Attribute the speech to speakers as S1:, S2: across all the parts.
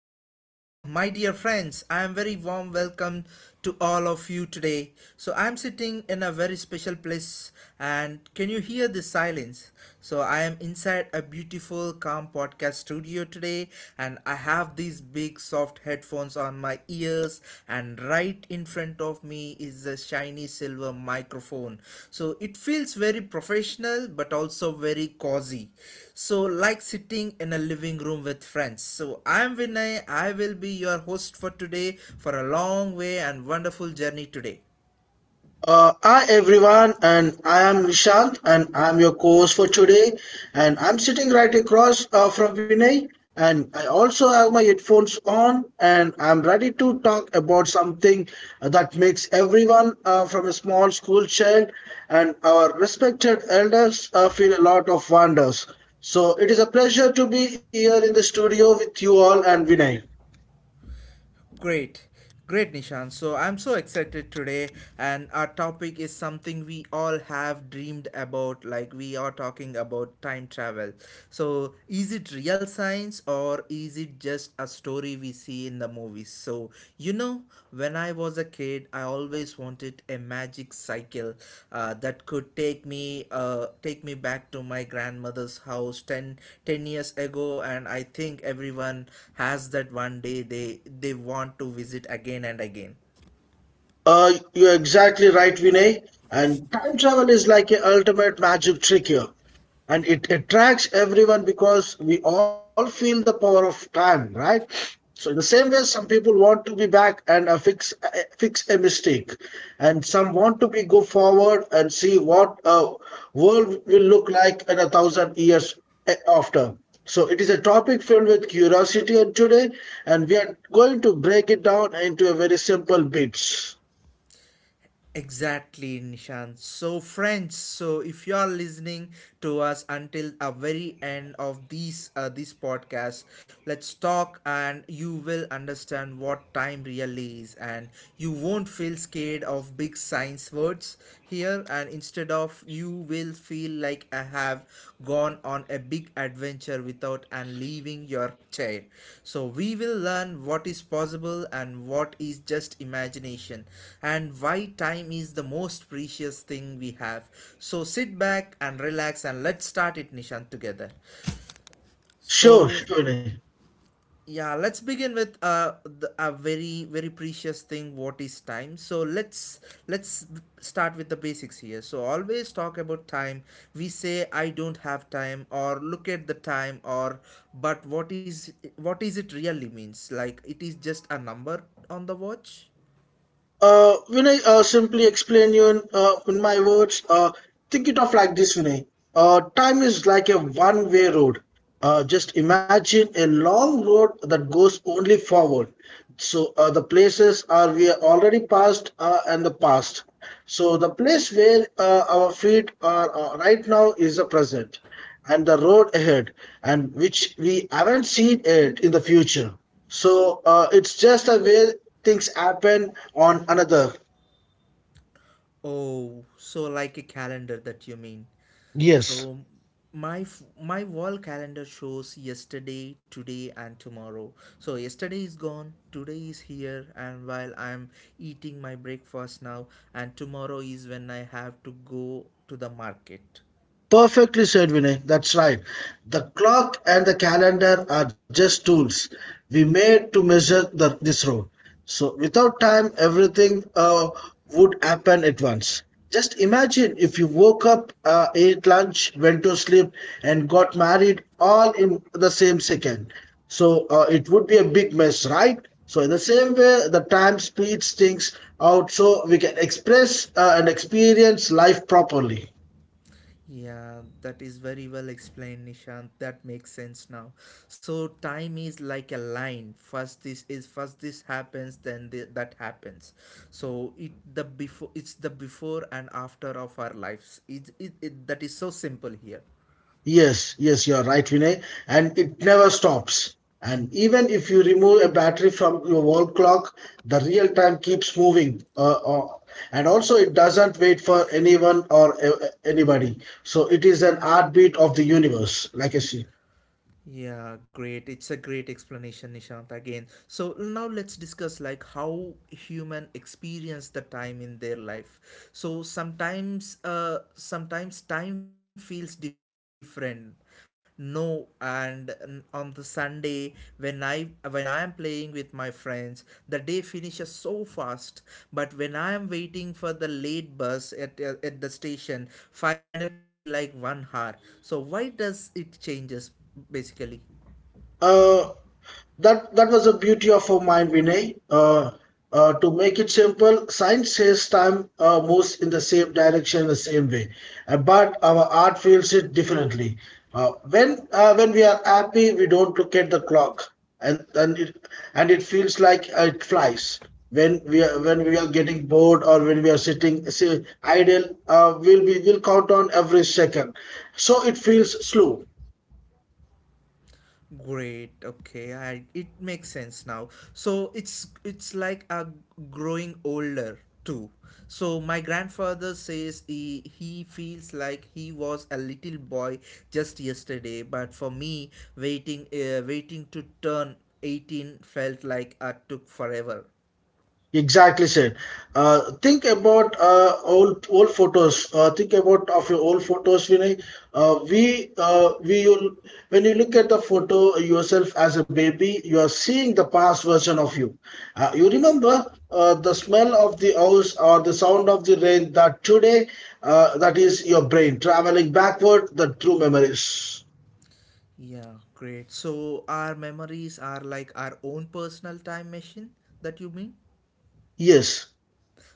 S1: hello, my dear friends. I am very warm welcome to all of you today. So I am sitting in a very special place, and can you hear the silence? So I am inside a beautiful, calm podcast studio today, and I have these big, soft headphones on my ears and right in front of me is a shiny silver microphone, so it feels very professional but also very cozy, so like sitting in a living room with friends. So I'm Vinay, I will be your host for today, for a long way and wonderful journey today.
S2: Hi everyone, and I am Nishant, and I'm your co-host for today. And I'm sitting right across from Vinay, and I also have my headphones on, and I'm ready to talk about something that makes everyone from a small school child and our respected elders feel a lot of wonders. So it is a pleasure to be here in the studio with you all and Vinay.
S1: Great. Great, Nishan. So I'm so excited today, and our topic is something we all have dreamed about. Like, we are talking about time travel. So, is it real science or is it just a story we see in the movies? So, you know know, when I was a kid, I always wanted a magic cycle that could take me take me back to my grandmother's house ten years ago, and I think everyone has that one day they want to visit again and again.
S2: You're exactly right, Vinay. And time travel is like a ultimate magic trick here. And it attracts everyone because we all feel the power of time, right? So in the same way, some people want to be back and fix a mistake, and some want to be go forward and see what world will look like in a thousand years after. So it is a topic filled with curiosity, and today and we are going to break it down into a very simple bits.
S1: Exactly, Nishant. So, friends, so if you are listening to us until a very end of these this podcast, let's talk, and you will understand what time really is, and you won't feel scared of big science words here. And instead of you will feel like I have gone on a big adventure without and leaving your chair. So we will learn what is possible and what is just imagination, and why time is the most precious thing we have. So sit back and relax and let's start it, Nishan, together.
S2: sure
S1: So
S2: sure
S1: yeah, let's begin with a very precious thing, what is time. So let's start with the basics here. So always talk about time, we say I don't have time or look at the time, or but what is it really means. Like, it is just a number on the watch.
S2: Vinay, simply explain you in my words. Think it of like this, Vinay. Time is like a one-way road. Just imagine a long road that goes only forward. So the places are we are already passed and the past. So the place where our feet are right now is the present, and the road ahead and which we haven't seen it in the future. So it's just a way things happen on another.
S1: Oh, so like a calendar that you mean.
S2: Yes.
S1: So my wall calendar shows yesterday, today and tomorrow. So yesterday is gone, today is here, and while I'm eating my breakfast now, and tomorrow is when I have to go to the market.
S2: Perfectly said, Vinay. That's right. The clock and the calendar are just tools we made to measure the, this road. So without time, everything would happen at once. Just imagine if you woke up, ate lunch, went to sleep, and got married all in the same second. So it would be a big mess, right? So in the same way, the time speeds things out so we can express and experience life properly.
S1: Yeah, that is very well explained, Nishant. That makes sense now. So time is like a line. First this happens, then that happens. So it the before, it's the before and after of our lives. It that is so simple here.
S2: Yes, yes, you're right, Vinay. And it never stops. And even if you remove a battery from your wall clock, the real time keeps moving. And also, it doesn't wait for anyone or anybody. So it is an heartbeat of the universe, like I see.
S1: Yeah, great. It's a great explanation, Nishant, again. So now let's discuss like how human experience the time in their life. So sometimes time feels different. No, and on the Sunday when I am playing with my friends, the day finishes so fast. But when I am waiting for the late bus at the station, 5 minutes feel like 1 hour. So why does it changes basically?
S2: Uh, That that was the beauty of our mind, Vinay. To make it simple, science says time moves in the same direction, in the same way. But our art feels it differently. Uh, when we are happy, we don't look at the clock, and and it and it feels like it flies. When we are getting bored or when we are sitting say, idle, we'll be will count on every second, so it feels slow.
S1: Great. Okay, it makes sense now. So it's like a growing older too. So my grandfather says he feels like he was a little boy just yesterday, but for me, waiting to turn 18 felt like it took forever.
S2: Exactly said. Think about old old photos. Think about of your old photos, Vinay. Uh, we uh, we will, when you look at the photo yourself as a baby, you are seeing the past version of you. You remember the smell of the house or the sound of the rain. That today, that is your brain traveling backward the true memories.
S1: Yeah, great. So our memories are like our own personal time machine, that you mean?
S2: Yes.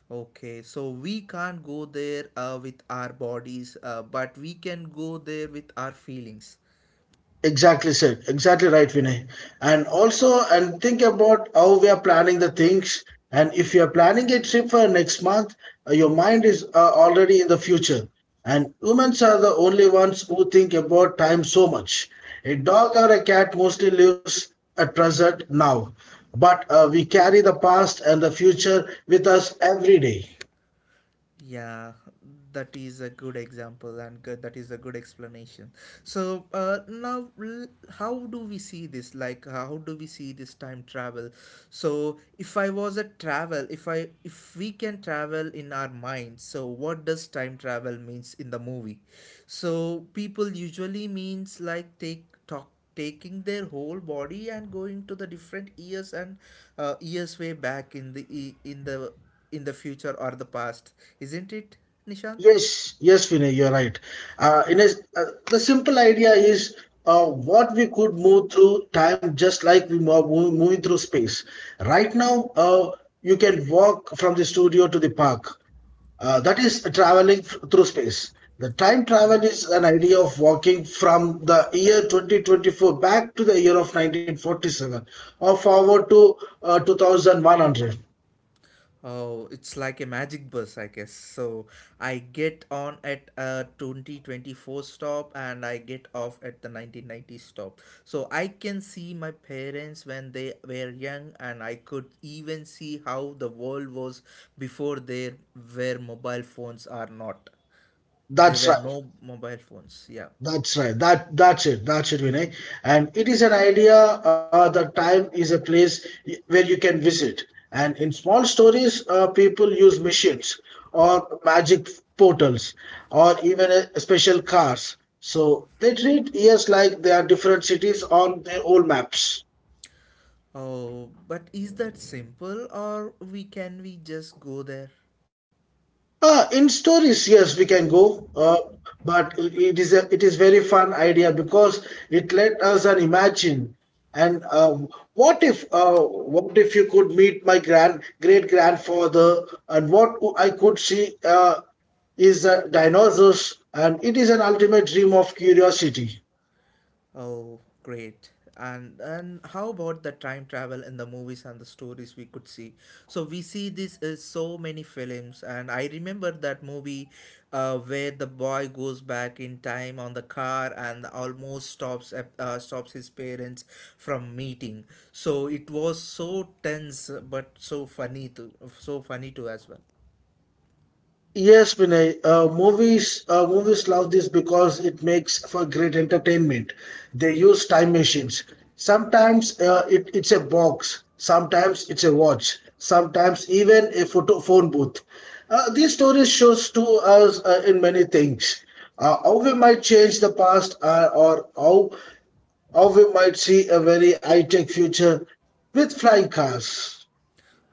S1: Okay, so we can't go there with our bodies, but we can go there with our feelings.
S2: Exactly said. Exactly right, Vinay. And also, and think about how we are planning the things. And if you are planning a trip for next month, your mind is already in the future. And humans are the only ones who think about time so much. A dog or a cat mostly lives at present now, but we carry the past and the future with us every day.
S1: Yeah, that is a good example and good, that is a good explanation. So now, how do we see this? Like, how do we see this time travel? So if I was a travel, if I if we can travel in our mind, so what does time travel means in the movie? So people usually means like take talk taking their whole body and going to the different years, and years way back in the e- in the future or the past, isn't it, Nishant?
S2: Yes, yes, Vinay, you're right. Uh, in a, uh, the simple idea is what we could move through time just like we moving through space. Right now, you can walk from the studio to the park. That is traveling through space. The time travel is an idea of walking from the year 2024 back to the year of 1947, or forward to 2100.
S1: Oh, it's like a magic bus, I guess. So I get on at a 2024 stop and I get off at the 1990 stop. So I can see my parents when they were young, and I could even see how the world was before there were mobile phones or not. There
S2: That's
S1: were
S2: right.
S1: no mobile phones, yeah.
S2: That's right. That's it. That's it, Vinay. And it is an idea. The time is a place where you can visit. And in small stories, people use machines or magic portals or even a special cars. So they treat years like they are different cities on their old maps.
S1: Oh, but is that simple or we can we just go there?
S2: Ah, in stories, yes, we can go, but it is very fun idea because it let us an imagine. And what if uh, what if you could meet my grand great grandfather, and what I could see is the dinosaurs, and it is an ultimate dream of curiosity.
S1: Oh, great. And how about the time travel in the movies and the stories we could see? So we see this is so many films, and I remember that movie, where the boy goes back in time on the car and almost stops stops his parents from meeting. So it was so tense, but so funny too as well.
S2: Yes, Vinay. Movies love this because it makes for great entertainment. They use time machines. Sometimes it's a box. Sometimes it's a watch. Sometimes even a photo phone booth. These stories shows to us in many things. How we might change the past, or how we might see a very high tech future with flying cars.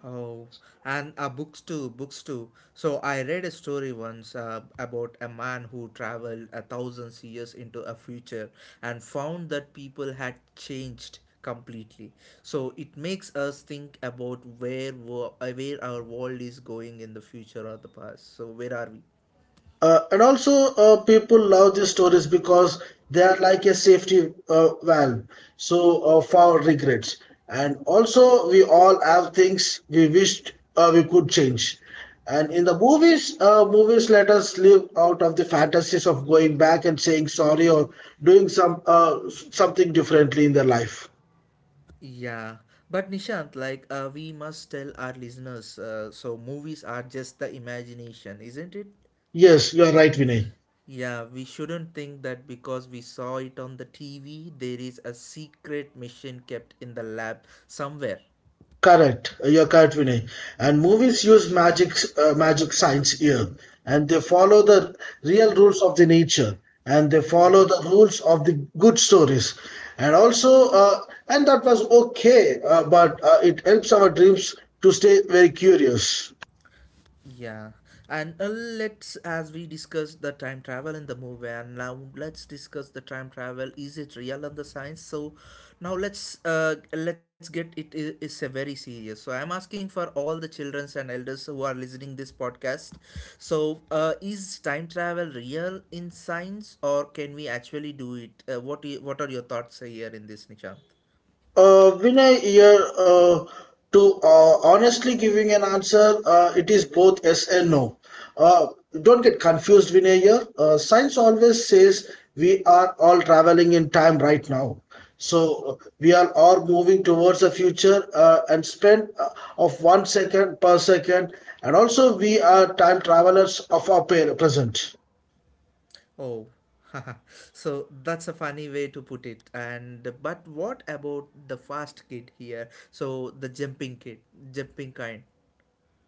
S1: Oh, and books too, So I read a story once about a man who traveled 1,000 years into a future and found that people had changed completely. So it makes us think about where our world is going in the future or the past. So where are we?
S2: And also, people love these stories because they are like a safety valve, so for regrets. And also, we all have things we wished we could change. And in the movies, movies let us live out of the fantasies of going back and saying sorry or doing something differently in their life.
S1: Yeah, but Nishant, like we must tell our listeners, so movies are just the imagination, isn't it, Nishant?
S2: Yes, you are right, Vinay.
S1: Yeah, we shouldn't think that because we saw it on the TV, there is a secret mission kept in the lab somewhere.
S2: Correct. You're correct, Vinay. And movies use magic, magic signs here, and they follow the real rules of the nature, and they follow the rules of the good stories, and also, uh, and that was okay, but it helps our dreams to stay very curious.
S1: Yeah, and let's, as we discussed the time travel in the movie, and now let's discuss the time travel. Is it real in the science? So, now let's get it. It's a very serious. So, I'm asking for all the childrens and elders who are listening this podcast. So, is time travel real in science, or can we actually do it? What are your thoughts here in this, Nishant?
S2: Vinay, here to honestly giving an answer, it is both yes and no. Uh, don't get confused, Vinay. Here, science always says we are all traveling in time right now. So we are all moving towards the future and spend of one second per second, and also we are time travelers of our present.
S1: Oh, so that's a funny way to put it. And but what about the fast kid here? So the jumping kid, jumping kind.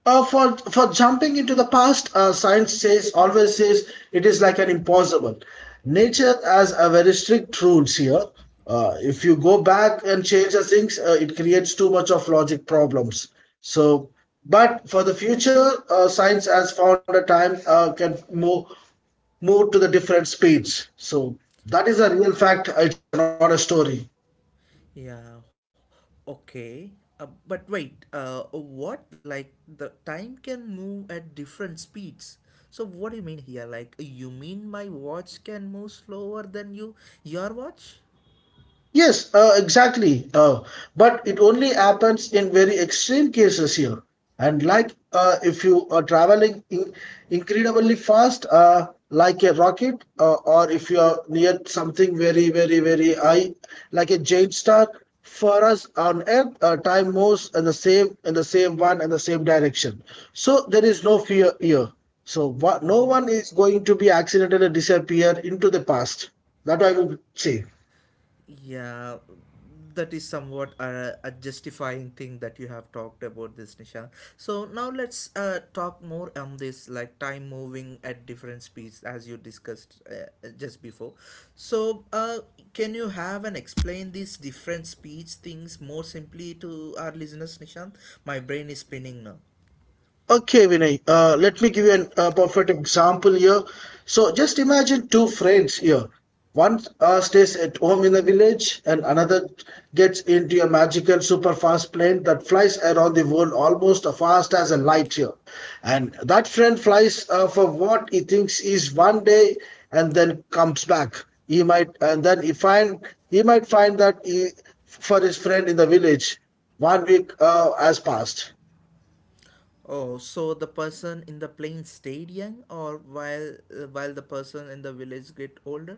S2: For jumping into the past, science says always says it is like an impossible. Nature has a very strict rules here. If you go back and change the things, it creates too much of logic problems. So, but for the future, science has found a time can move move to the different speeds. So that is a real fact. It's not a story.
S1: Yeah, okay. But wait, what like the time can move at different speeds? So what do you mean here? Like you mean my watch can move slower than you, your watch?
S2: Yes, exactly. But it only happens in very extreme cases here. And like if you are traveling in incredibly fast, like a rocket, or if you are near something very, very, very high, like a giant star, for us on Earth, time moves in the same one and the same direction. So there is no fear here. So no one is going to be accidentally disappear into the past. That I would say.
S1: Yeah, that is somewhat a justifying thing that you have talked about this, Nisha. So now let's talk more on this, like time moving at different speeds, as you discussed just before. So, can you have and explain these different speeds things more simply to our listeners, Nishant? My brain is spinning now.
S2: Okay, Vinay, let me give you a perfect example here. So just imagine two friends here. One stays at home in the village, and another gets into a magical super fast plane that flies around the world almost as fast as a light here. And that friend flies for what he thinks is one day and then comes back. He might, and then he find he might find that he, for his friend in the village, one week has passed.
S1: Oh, so the person in the plane stayed young, or while the person in the village get older?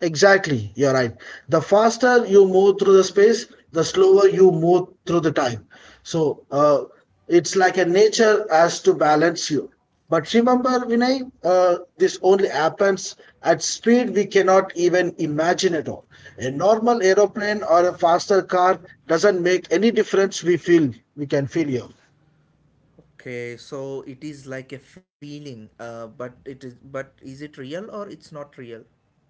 S2: Exactly, you're right. The faster you move through the space, the slower you move through the time. So it's like a nature has to balance you. But remember, Vinay, this only happens at speed we cannot even imagine at all. A normal aeroplane or a faster car doesn't make any difference. We can feel here.
S1: Okay, so it is like a feeling, but it is but is it real or it's not real?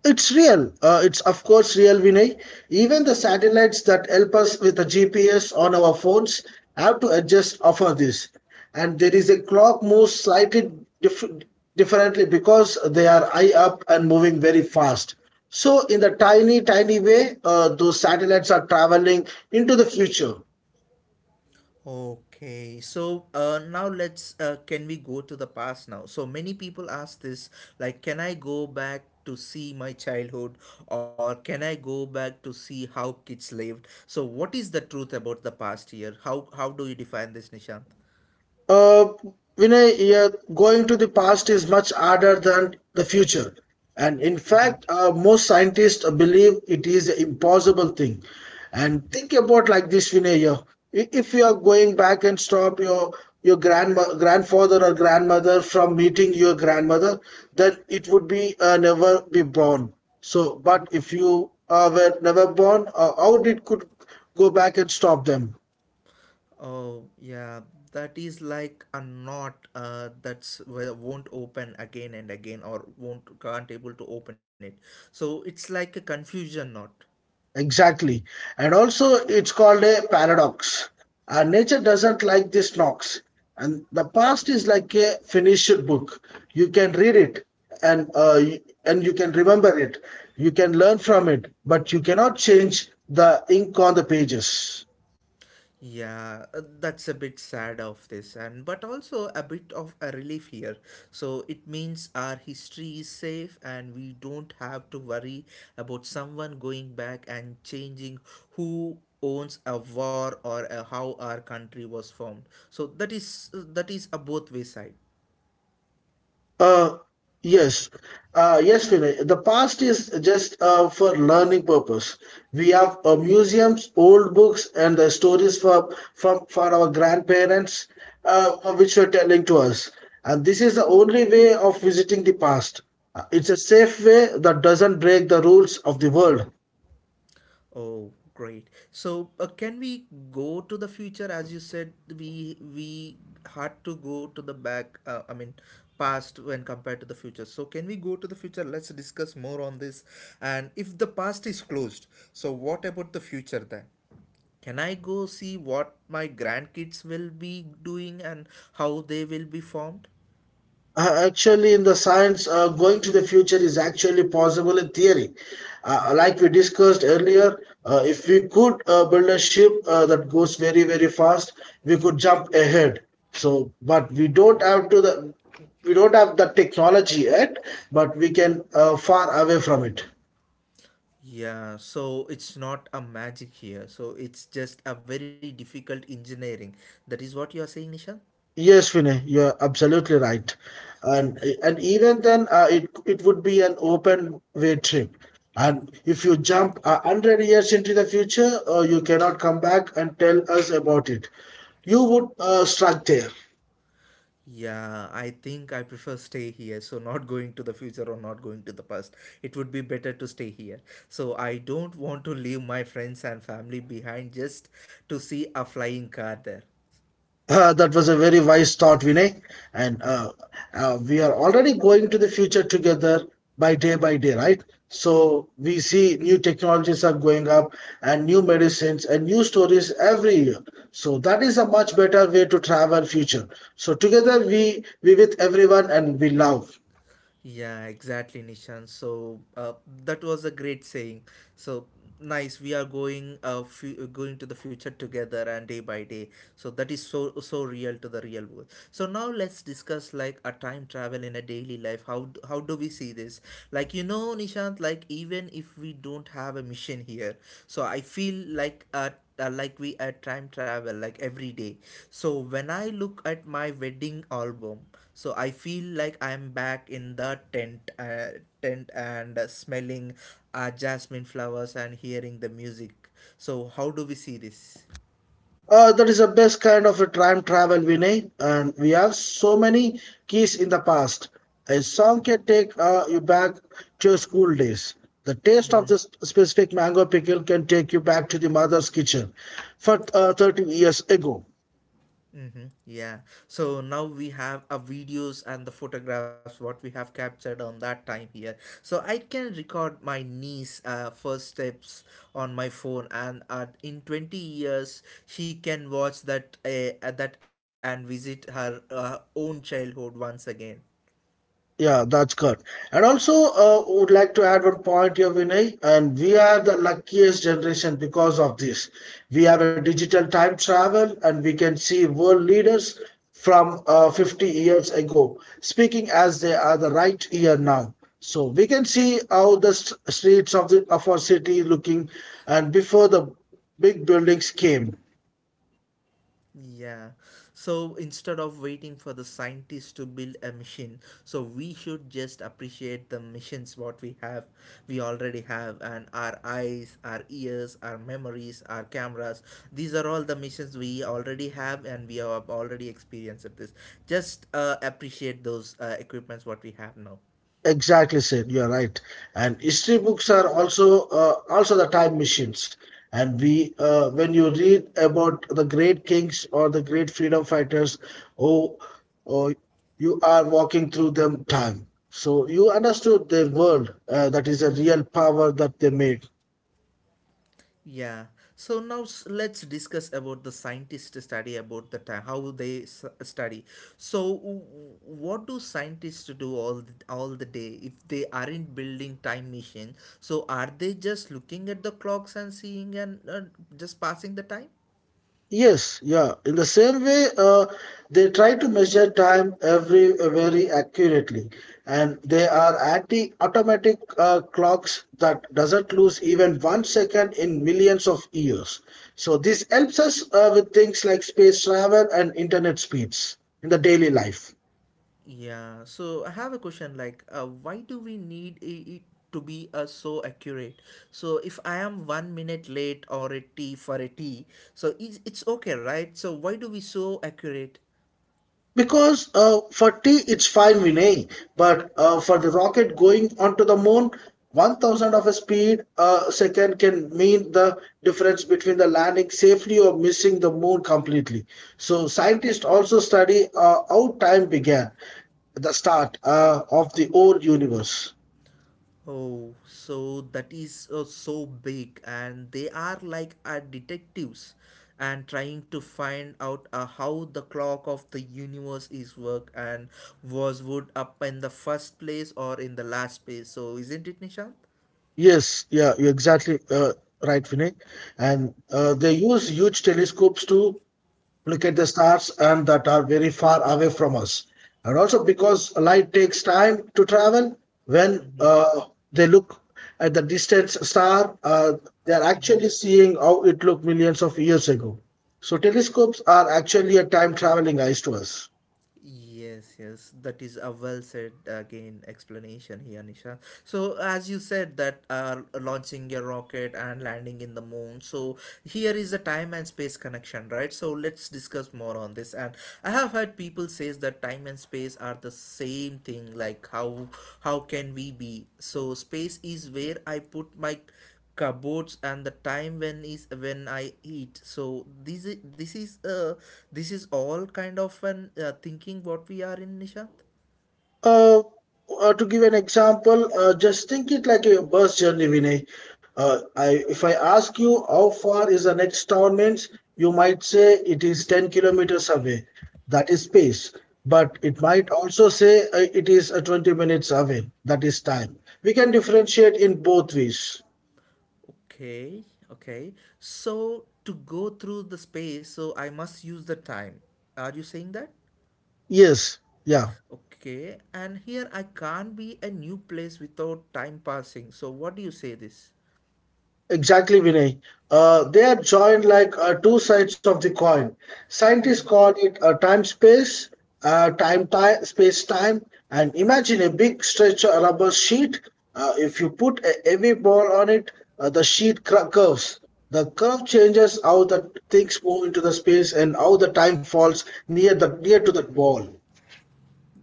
S2: It's real. It's of course real, Vinay. Even the satellites that help us with the GPS on our phones have to adjust offer this. And there is a clock moves slightly diff- differently because they are high up and moving very fast. So in the tiny, tiny way, those satellites are traveling into the future.
S1: Okay, so now let's can we go to the past now? So many people ask this, like, can I go back to see my childhood, or can I go back to see how kids lived? So what is the truth about the past here? How do you define this, Nishant?
S2: Uh, Vinay, yeah, going to the past is much harder than the future. And in fact, most scientists believe it is an impossible thing. And think about like this, Vinay. Yeah. If you are going back and stop your grandfather or grandmother from meeting your grandmother, then it would be never be born. So, but if you were never born, how did could go back and stop them?
S1: Oh, yeah, that is like a knot that's well, won't open again and again or won't can't able to open it. So it's like a confusion knot.
S2: Exactly. And also, it's called a paradox. Nature doesn't like this knocks. And the past is like a finished book. You can read it and you can remember it. You can learn from it, but you cannot change the ink on the pages.
S1: Yeah, that's a bit sad of this and but also a bit of a relief here. So it means our history is safe and we don't have to worry about someone going back and changing who owns a war or a how our country was formed, so that is a both way side.
S2: Uh, yes. Yes, Vinay. The past is just for learning purpose. We have museums, old books, and the stories for our grandparents, uh, which were telling to us. And this is the only way of visiting the past. It's a safe way that doesn't break the rules of the world.
S1: Oh, great. So, can we go to the future? As you said, we had to go to the back, I mean, past when compared to the future. So, can we go to the future? Let's discuss more on this. And if the past is closed, so what about the future then? Can I go see what my grandkids will be doing and how they will be formed?
S2: Actually, in the science, going to the future is actually possible in theory. Like we discussed earlier, if we could build a ship that goes very, very fast, we could jump ahead. So, but we don't have the technology yet, but we can far away from it.
S1: Yeah, so it's not a magic here. So it's just a very difficult engineering. That is what you are saying, Nisha?
S2: Yes, Vinay, you're absolutely right. And and even then, it would be an open way trip. And if you jump a hundred years into the future, you cannot come back and tell us about it. You would struck there.
S1: Yeah, I think I prefer stay here. So not going to the future or not going to the past. It would be better to stay here. So I don't want to leave my friends and family behind just to see a flying car there.
S2: That was a very wise thought, Vinay. And we are already going to the future together by day, right? So we see new technologies are going up and new medicines and new stories every year. So that is a much better way to travel future. So together we with everyone and we love.
S1: Yeah, exactly, Nishan. So that was a great saying. So nice, we are going going to the future together and day by day. So that is so so real to the real world. So now let's discuss like a time travel in a daily life. How do we see this? Nishant, like even if we don't have a mission here, so I feel like we at time travel like every day. So when I look at my wedding album, so I feel like I'm back in the tent and smelling jasmine flowers and hearing the music. So how do we see this?
S2: That is the best kind of a time travel, Vinay, and we have so many keys in the past. A song can take you back to your school days. The taste of this specific mango pickle can take you back to the mother's kitchen for 30 years ago.
S1: Mm-hmm. Yeah. So now we have a videos and the photographs what we have captured on that time here. So I can record my niece first steps on my phone, and in 20 years she can watch that and visit her own childhood once again.
S2: Yeah, that's good. And also, would like to add one point here, Vinay. And we are the luckiest generation because of this. We have a digital time travel, and we can see world leaders from 50 years ago speaking as they are the right here now. So we can see how the streets of the of our city looking, and before the big buildings came.
S1: Yeah. So instead of waiting for the scientists to build a machine, so we should just appreciate the missions what we have, we already have, and our eyes, our ears, our memories, our cameras. These are all the missions we already have, and we have already experienced this. Just appreciate those equipments what we have now.
S2: Exactly, said you are right. And history books are also also the time machines. And we, when you read about the great kings or the great freedom fighters, oh, oh, you are walking through them time. So you understood their world. That is a real power that they made.
S1: Yeah. So now let's discuss about the scientists study about the time how they study. So what do scientists do all all the day if they aren't building time machine? So are they just looking at the clocks and seeing and just passing the time?
S2: Yes, yeah. In the same way, they try to measure time every very accurately, and they are acting automatic clocks that doesn't lose even one second in millions of years. So this helps us with things like space travel and internet speeds in the daily life.
S1: Yeah, so I have a question like, why do we need it to be so accurate? So if I am 1 minute late or a tea for a tea, so it's okay, right? So why do we so accurate?
S2: Because for tea, it's fine, Vinay. But for the rocket going onto the moon, one thousand of a speed a second can mean the difference between the landing safely or missing the moon completely. So scientists also study how time began, the start of the old universe.
S1: Oh, so that is so big, and they are like detectives and trying to find out how the clock of the universe is work and was would up in the first place or in the last place. So isn't it, Nishant?
S2: Yes, yeah, you're exactly right, Vinay. And they use huge telescopes to look at the stars and that are very far away from us, and also because light takes time to travel when they look at the distant star, they are actually seeing how it looked millions of years ago. So telescopes are actually a time traveling eyes to us.
S1: Yes, yes, that is a well said again explanation here, Nisha. So, as you said, that launching your rocket and landing in the moon. So, here is a time and space connection, right? So, let's discuss more on this. And I have heard people says that time and space are the same thing. Like how can we be? So, space is where I put my cupboards and the time when is when I eat. So this is all kind of an thinking what we are in, Nishant.
S2: Uh, to give an example, just think it like a bus journey, Vinay. If I ask you how far is the next town means, you might say it is 10 kilometers away. That is space. But it might also say it is 20 minutes away. That is time. We can differentiate in both ways.
S1: Okay. Okay, so to go through the space, so I must use the time. Are you saying that?
S2: Yes. Yeah.
S1: Okay, and here I can't be a new place without time passing. So what do you say this?
S2: Exactly, Vinay. They are joined like two sides of the coin. Scientists call it a time space, space time. And imagine a big stretch of rubber sheet. If you put a heavy ball on it, the curves. The curve changes how the things move into the space and how the time falls near to that ball.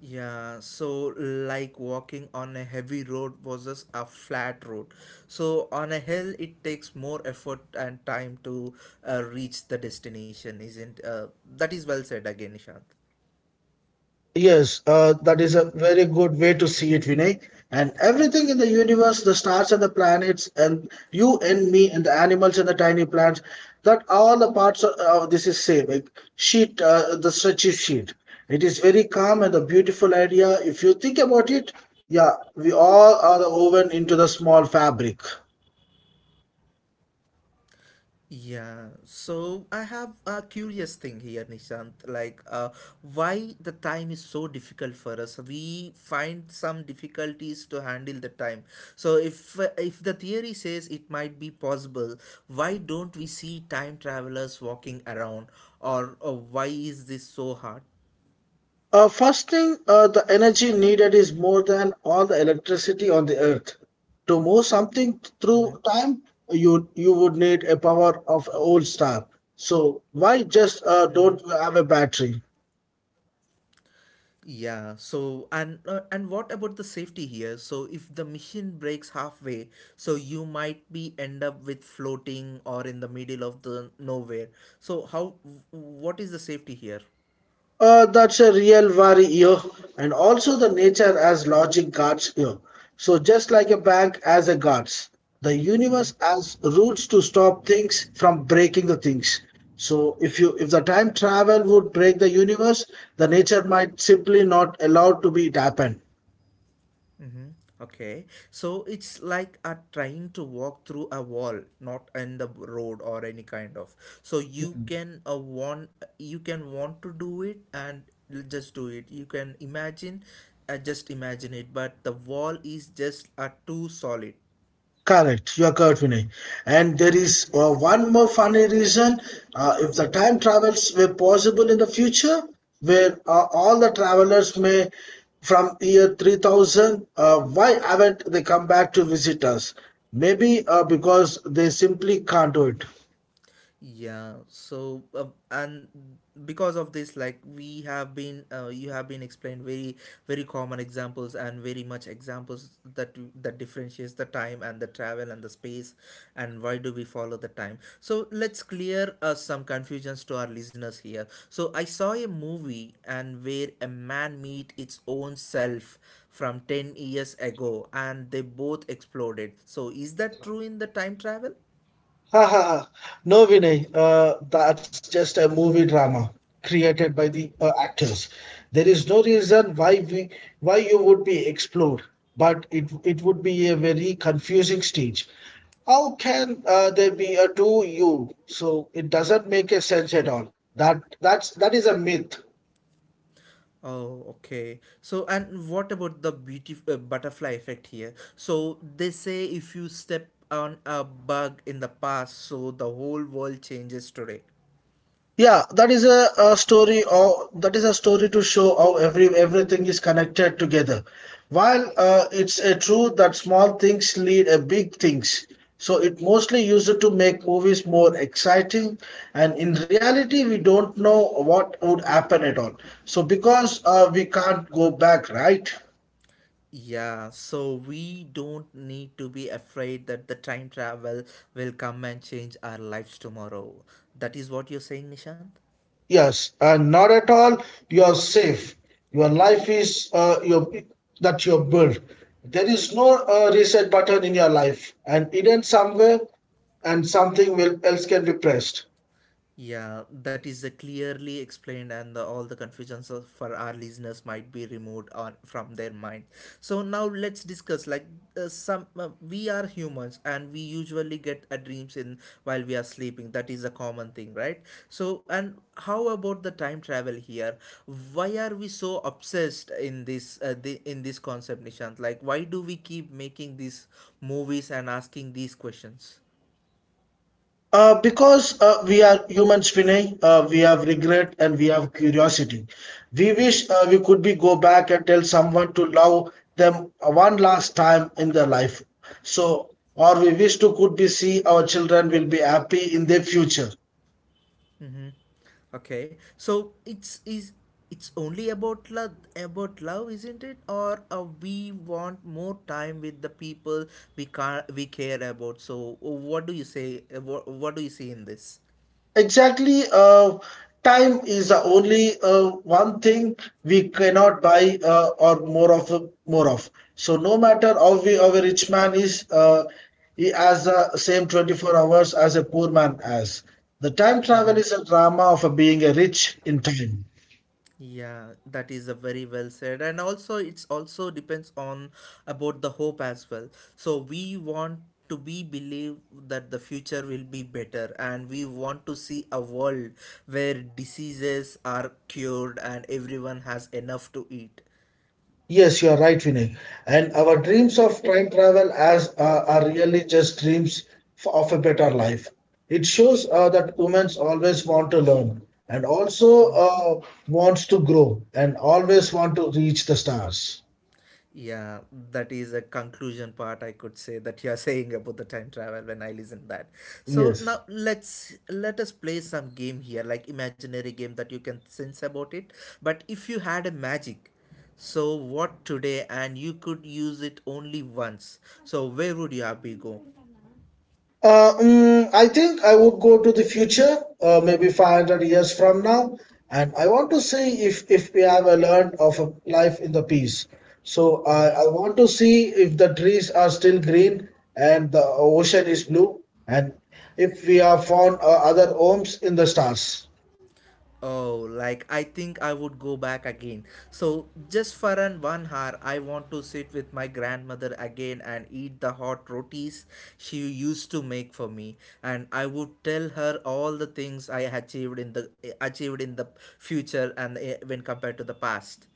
S1: Yeah, so like walking on a heavy road versus a flat road. So on a hill, it takes more effort and time to reach the destination, isn't? That is well said again, Nishant.
S2: Yes, that is a very good way to see it, Vinay. And everything in the universe, the stars and the planets, and you and me, and the animals and the tiny plants, that all the parts of this is same, like sheet, the stretchy sheet. It is very calm and a beautiful idea. If you think about it, yeah, we all are the woven into the small fabric.
S1: Yeah, so I have a curious thing here, Nishant. Like, why the time is so difficult for us? We find some difficulties to handle the time. So, if the theory says it might be possible, why don't we see time travelers walking around, or why is this so hard?
S2: First thing, the energy needed is more than all the electricity on the earth. To move something through time, you would need a power of a old star. So why just don't have a battery?
S1: Yeah, so and and what about the safety here? So if the machine breaks halfway, so you might be end up with floating or in the middle of the nowhere. So how what is the safety here?
S2: That's a real worry here, and also the nature as logic guards here. So just like a bank as a guards, the universe has rules to stop things from breaking the things. So if the time travel would break the universe, the nature might simply not allow to be it happen.
S1: Mm-hmm. Okay. So it's like a trying to walk through a wall, not in the road or any kind of. So you can want to do it and just do it. You can imagine, just imagine it. But the wall is just a too solid.
S2: Correct, you are correct, Vinay. And there is one more funny reason. If the time travels were possible in the future, where all the travelers may from year 3000, why haven't they come back to visit us? Maybe because they simply can't do it.
S1: Yeah, so and because of this, like we have been, you have been explained very, very common examples and very much examples that differentiates the time and the travel and the space, and why do we follow the time? So let's clear some confusions to our listeners here. So I saw a movie and where a man meet its own self from 10 years ago, and they both exploded. So is that true in the time travel?
S2: Ha ha ha. No, Vinay, that's just a movie drama created by the actors. There is no reason why you would be explored, but it would be a very confusing stage. How can there be a two you? So it doesn't make a sense at all. That is a myth.
S1: Oh, okay. So, and what about the beauty butterfly effect here? So, they say if you step on a bug in the past, so the whole world changes today.
S2: Yeah, that is a story or that is a story to show how everything is connected together. While it's a truth that small things lead a big things, so it mostly used to make movies more exciting. And in reality, we don't know what would happen at all. So because we can't go back, right?
S1: Yeah, so we don't need to be afraid that the time travel will come and change our lives tomorrow. That is what you're saying, Nishant?
S2: Yes, and not at all. You are safe. Your life is your that you have built. There is no reset button in your life, and hidden somewhere, and something will, else can be pressed.
S1: Yeah, that is clearly explained, and all the confusions for our listeners might be removed on, from their mind. So now let's discuss. Like we are humans, and we usually get a dreams in while we are sleeping. That is a common thing, right? So and how about the time travel here? Why are we so obsessed in this in this concept, Nishant? Like why do we keep making these movies and asking these questions?
S2: Because we are humans, Vinay, we have regret and we have curiosity. We wish we could be go back and tell someone to love them one last time in their life. So, or we wish to could be see our children will be happy in their future.
S1: Okay, so it's only about love, isn't it? Or we want more time with the people we care about. So, what do you say? What do you see in this?
S2: Exactly. Time is the only one thing we cannot buy or more of more of. So no matter how a rich man is, he has the same 24 hours as a poor man has. The time travel is a drama of being a rich in time.
S1: Yeah, that is a very well said, and also it's also depends on about the hope as well. So we want to be believe that the future will be better, and we want to see a world where diseases are cured and everyone has enough to eat.
S2: Yes, you are right, Vinay. And our dreams of time travel as are really just dreams of a better life. It shows that humans always want to learn and also wants to grow and always want to reach the stars.
S1: Yeah, that is a conclusion part I could say that you are saying about the time travel when I listen that. So
S2: Yes.
S1: now let us play some game here, like imaginary game that you can sense about it. But if you had a magic, so what today and you could use it only once. So where would you have be go?
S2: I think I would go to the future, maybe 500 years from now, and I want to see if we have a learned of a life in the peace. So I
S1: Mm-hmm.
S2: I want to see if the trees are still green and the ocean is blue, and if we have found other homes in the stars.
S1: Oh, like I think I would go back again. So, just for an 1 hour, I want to sit with my grandmother again and eat the hot rotis she used to make for me, and I would tell her all the things I achieved in the future and eh, when compared to the past.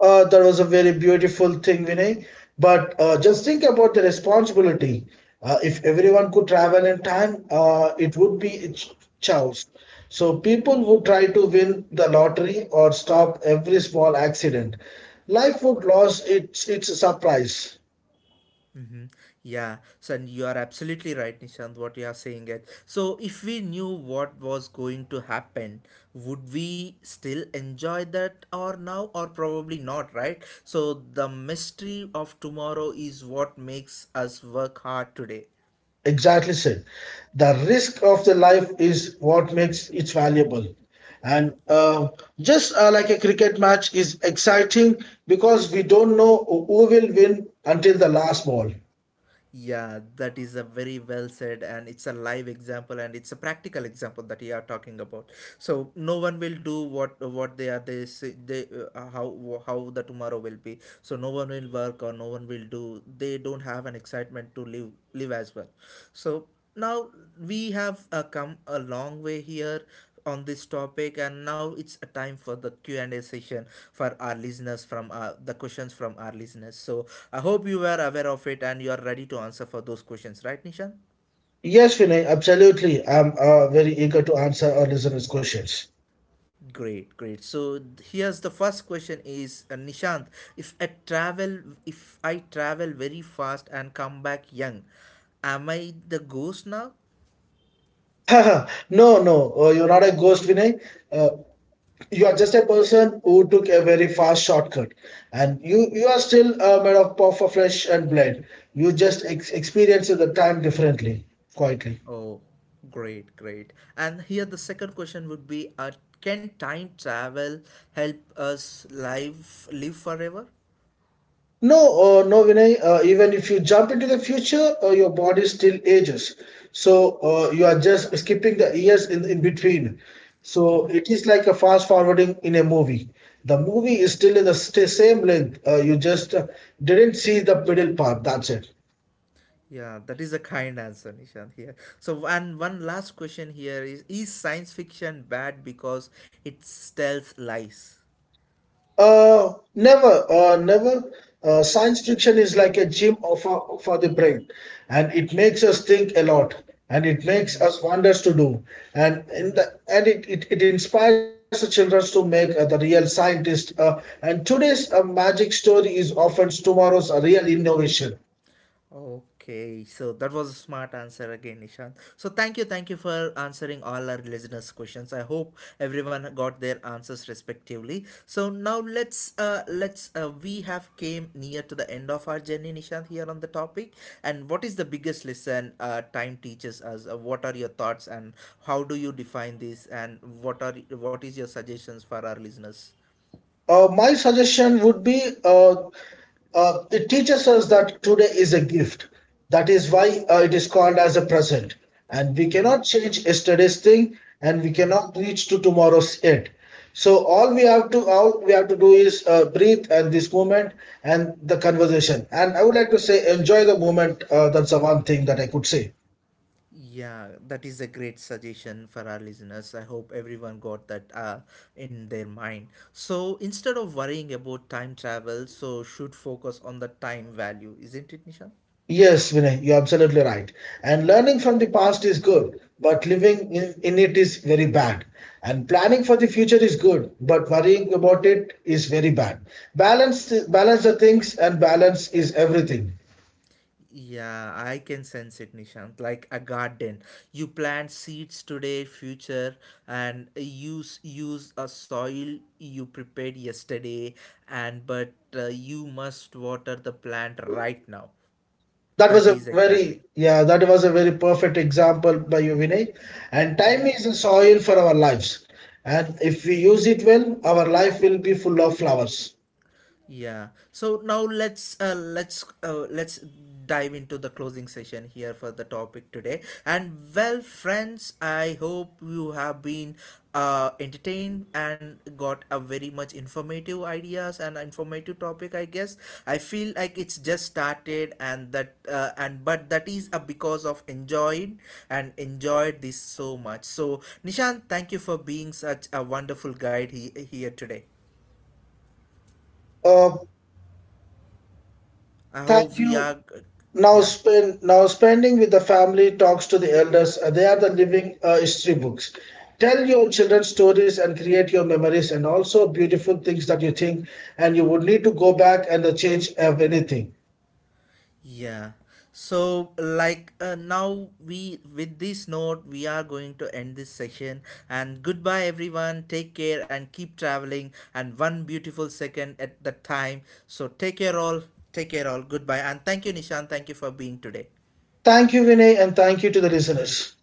S2: That was a very beautiful thing, Vinay. But just think about the responsibility. If everyone could travel in time, it would be chaos. So people would try to win the lottery or stop every small accident. Life would lose its surprise.
S1: Mm-hmm. Yeah, so and you are absolutely right, Nishant, what you are saying it. So if we knew what was going to happen, would we still enjoy that or now or probably not, right? So the mystery of tomorrow is what makes us work hard today.
S2: Exactly said. The risk of the life is what makes it valuable. And just like a cricket match is exciting because we don't know who will win until the last ball.
S1: Yeah, that is a very well said, and it's a live example, and it's a practical example that you are talking about. So no one will do what they say they uh, how how the tomorrow will be. So no one will work or no one will do. They don't have an excitement to live as well. So now we have come a long way here on this topic, and now it's a time for the Q&A session for our listeners, from the questions from our listeners. So I hope you were aware of it and you are ready to answer for those questions, right, Nishant?
S2: Yes, Vinay, absolutely. I'm very eager to answer our listeners' questions.
S1: Great, great. So here's the first question is Nishant, if i travel if I travel very fast and come back young, am I the ghost now?
S2: No, no, you're not a ghost, Vinay. Uh, you are just a person who took a very fast shortcut, and you are still made of puff of flesh and blood. You just experience the time differently, quietly.
S1: Oh, great, great. And here the second question would be, can time travel help us live forever?
S2: No, no, Vinay, even if you jump into the future, your body still ages. So you are just skipping the years in between. So it is like a fast forwarding in a movie. The movie is still in the same length. You just didn't see the middle part, that's it.
S1: Yeah, that is a kind answer, Nishant here. So, and one last question here is science fiction bad because it tells lies?
S2: Never, never. Science fiction is like a gym for the brain, and it makes us think a lot, and it makes us wonders to do, and it inspires the children to make the real scientist. And today's magic story is often tomorrow's real innovation.
S1: Okay, so that was a smart answer again, Nishant. So thank you for answering all our listeners' questions. I hope everyone got their answers respectively. So now let's we have came near to the end of our journey, Nishant, here on the topic. And what is the biggest lesson time teaches us? What are your thoughts, and how do you define this? And what is your suggestions for our listeners?
S2: My suggestion would be it teaches us that today is a gift. That is why it is called as a present. And we cannot change yesterday's thing, and we cannot reach to tomorrow's yet. So all we have to do is breathe and this moment and the conversation. And I would like to say enjoy the moment. That's the one thing that I could say.
S1: Yeah, that is a great suggestion for our listeners. I hope everyone got that in their mind. So instead of worrying about time travel, so should focus on the time value, isn't it, Nishant?
S2: Yes, Vinay, you're absolutely right. And learning from the past is good, but living in it is very bad. And planning for the future is good, but worrying about it is very bad. Balance the things, and balance is everything.
S1: Yeah, I can sense it, Nishant. Like a garden, you plant seeds today, future, and use a soil you prepared yesterday, and but you must water the plant right now. That is exactly.
S2: That was a very perfect example by you, Vinay. And time is the soil for our lives, and if we use it well, our life will be full of flowers.
S1: Yeah. So now let's dive into the closing session here for the topic today. And well, friends, I hope you have been entertained and got a very much informative ideas and informative topic. I guess I feel like it's just started and that and but that is a because of enjoyed and enjoyed this so much. So Nishan, thank you for being such a wonderful guide here today.
S2: Uh,
S1: I hope
S2: Thank
S1: we are
S2: you. Now,
S1: yeah,
S2: spend now spending with the family talks to the elders. They are the living history books. Tell your children stories and create your memories, and also beautiful things that you think, and you would need to go back and change of anything.
S1: yeah. So like now we with this note we are going to end this session, and goodbye everyone. Take care and keep traveling, and one beautiful second at the time. So take care all, take care all. Goodbye, and thank you, Nishan, thank you for being today.
S2: Thank you, Vinay, and thank you to the listeners.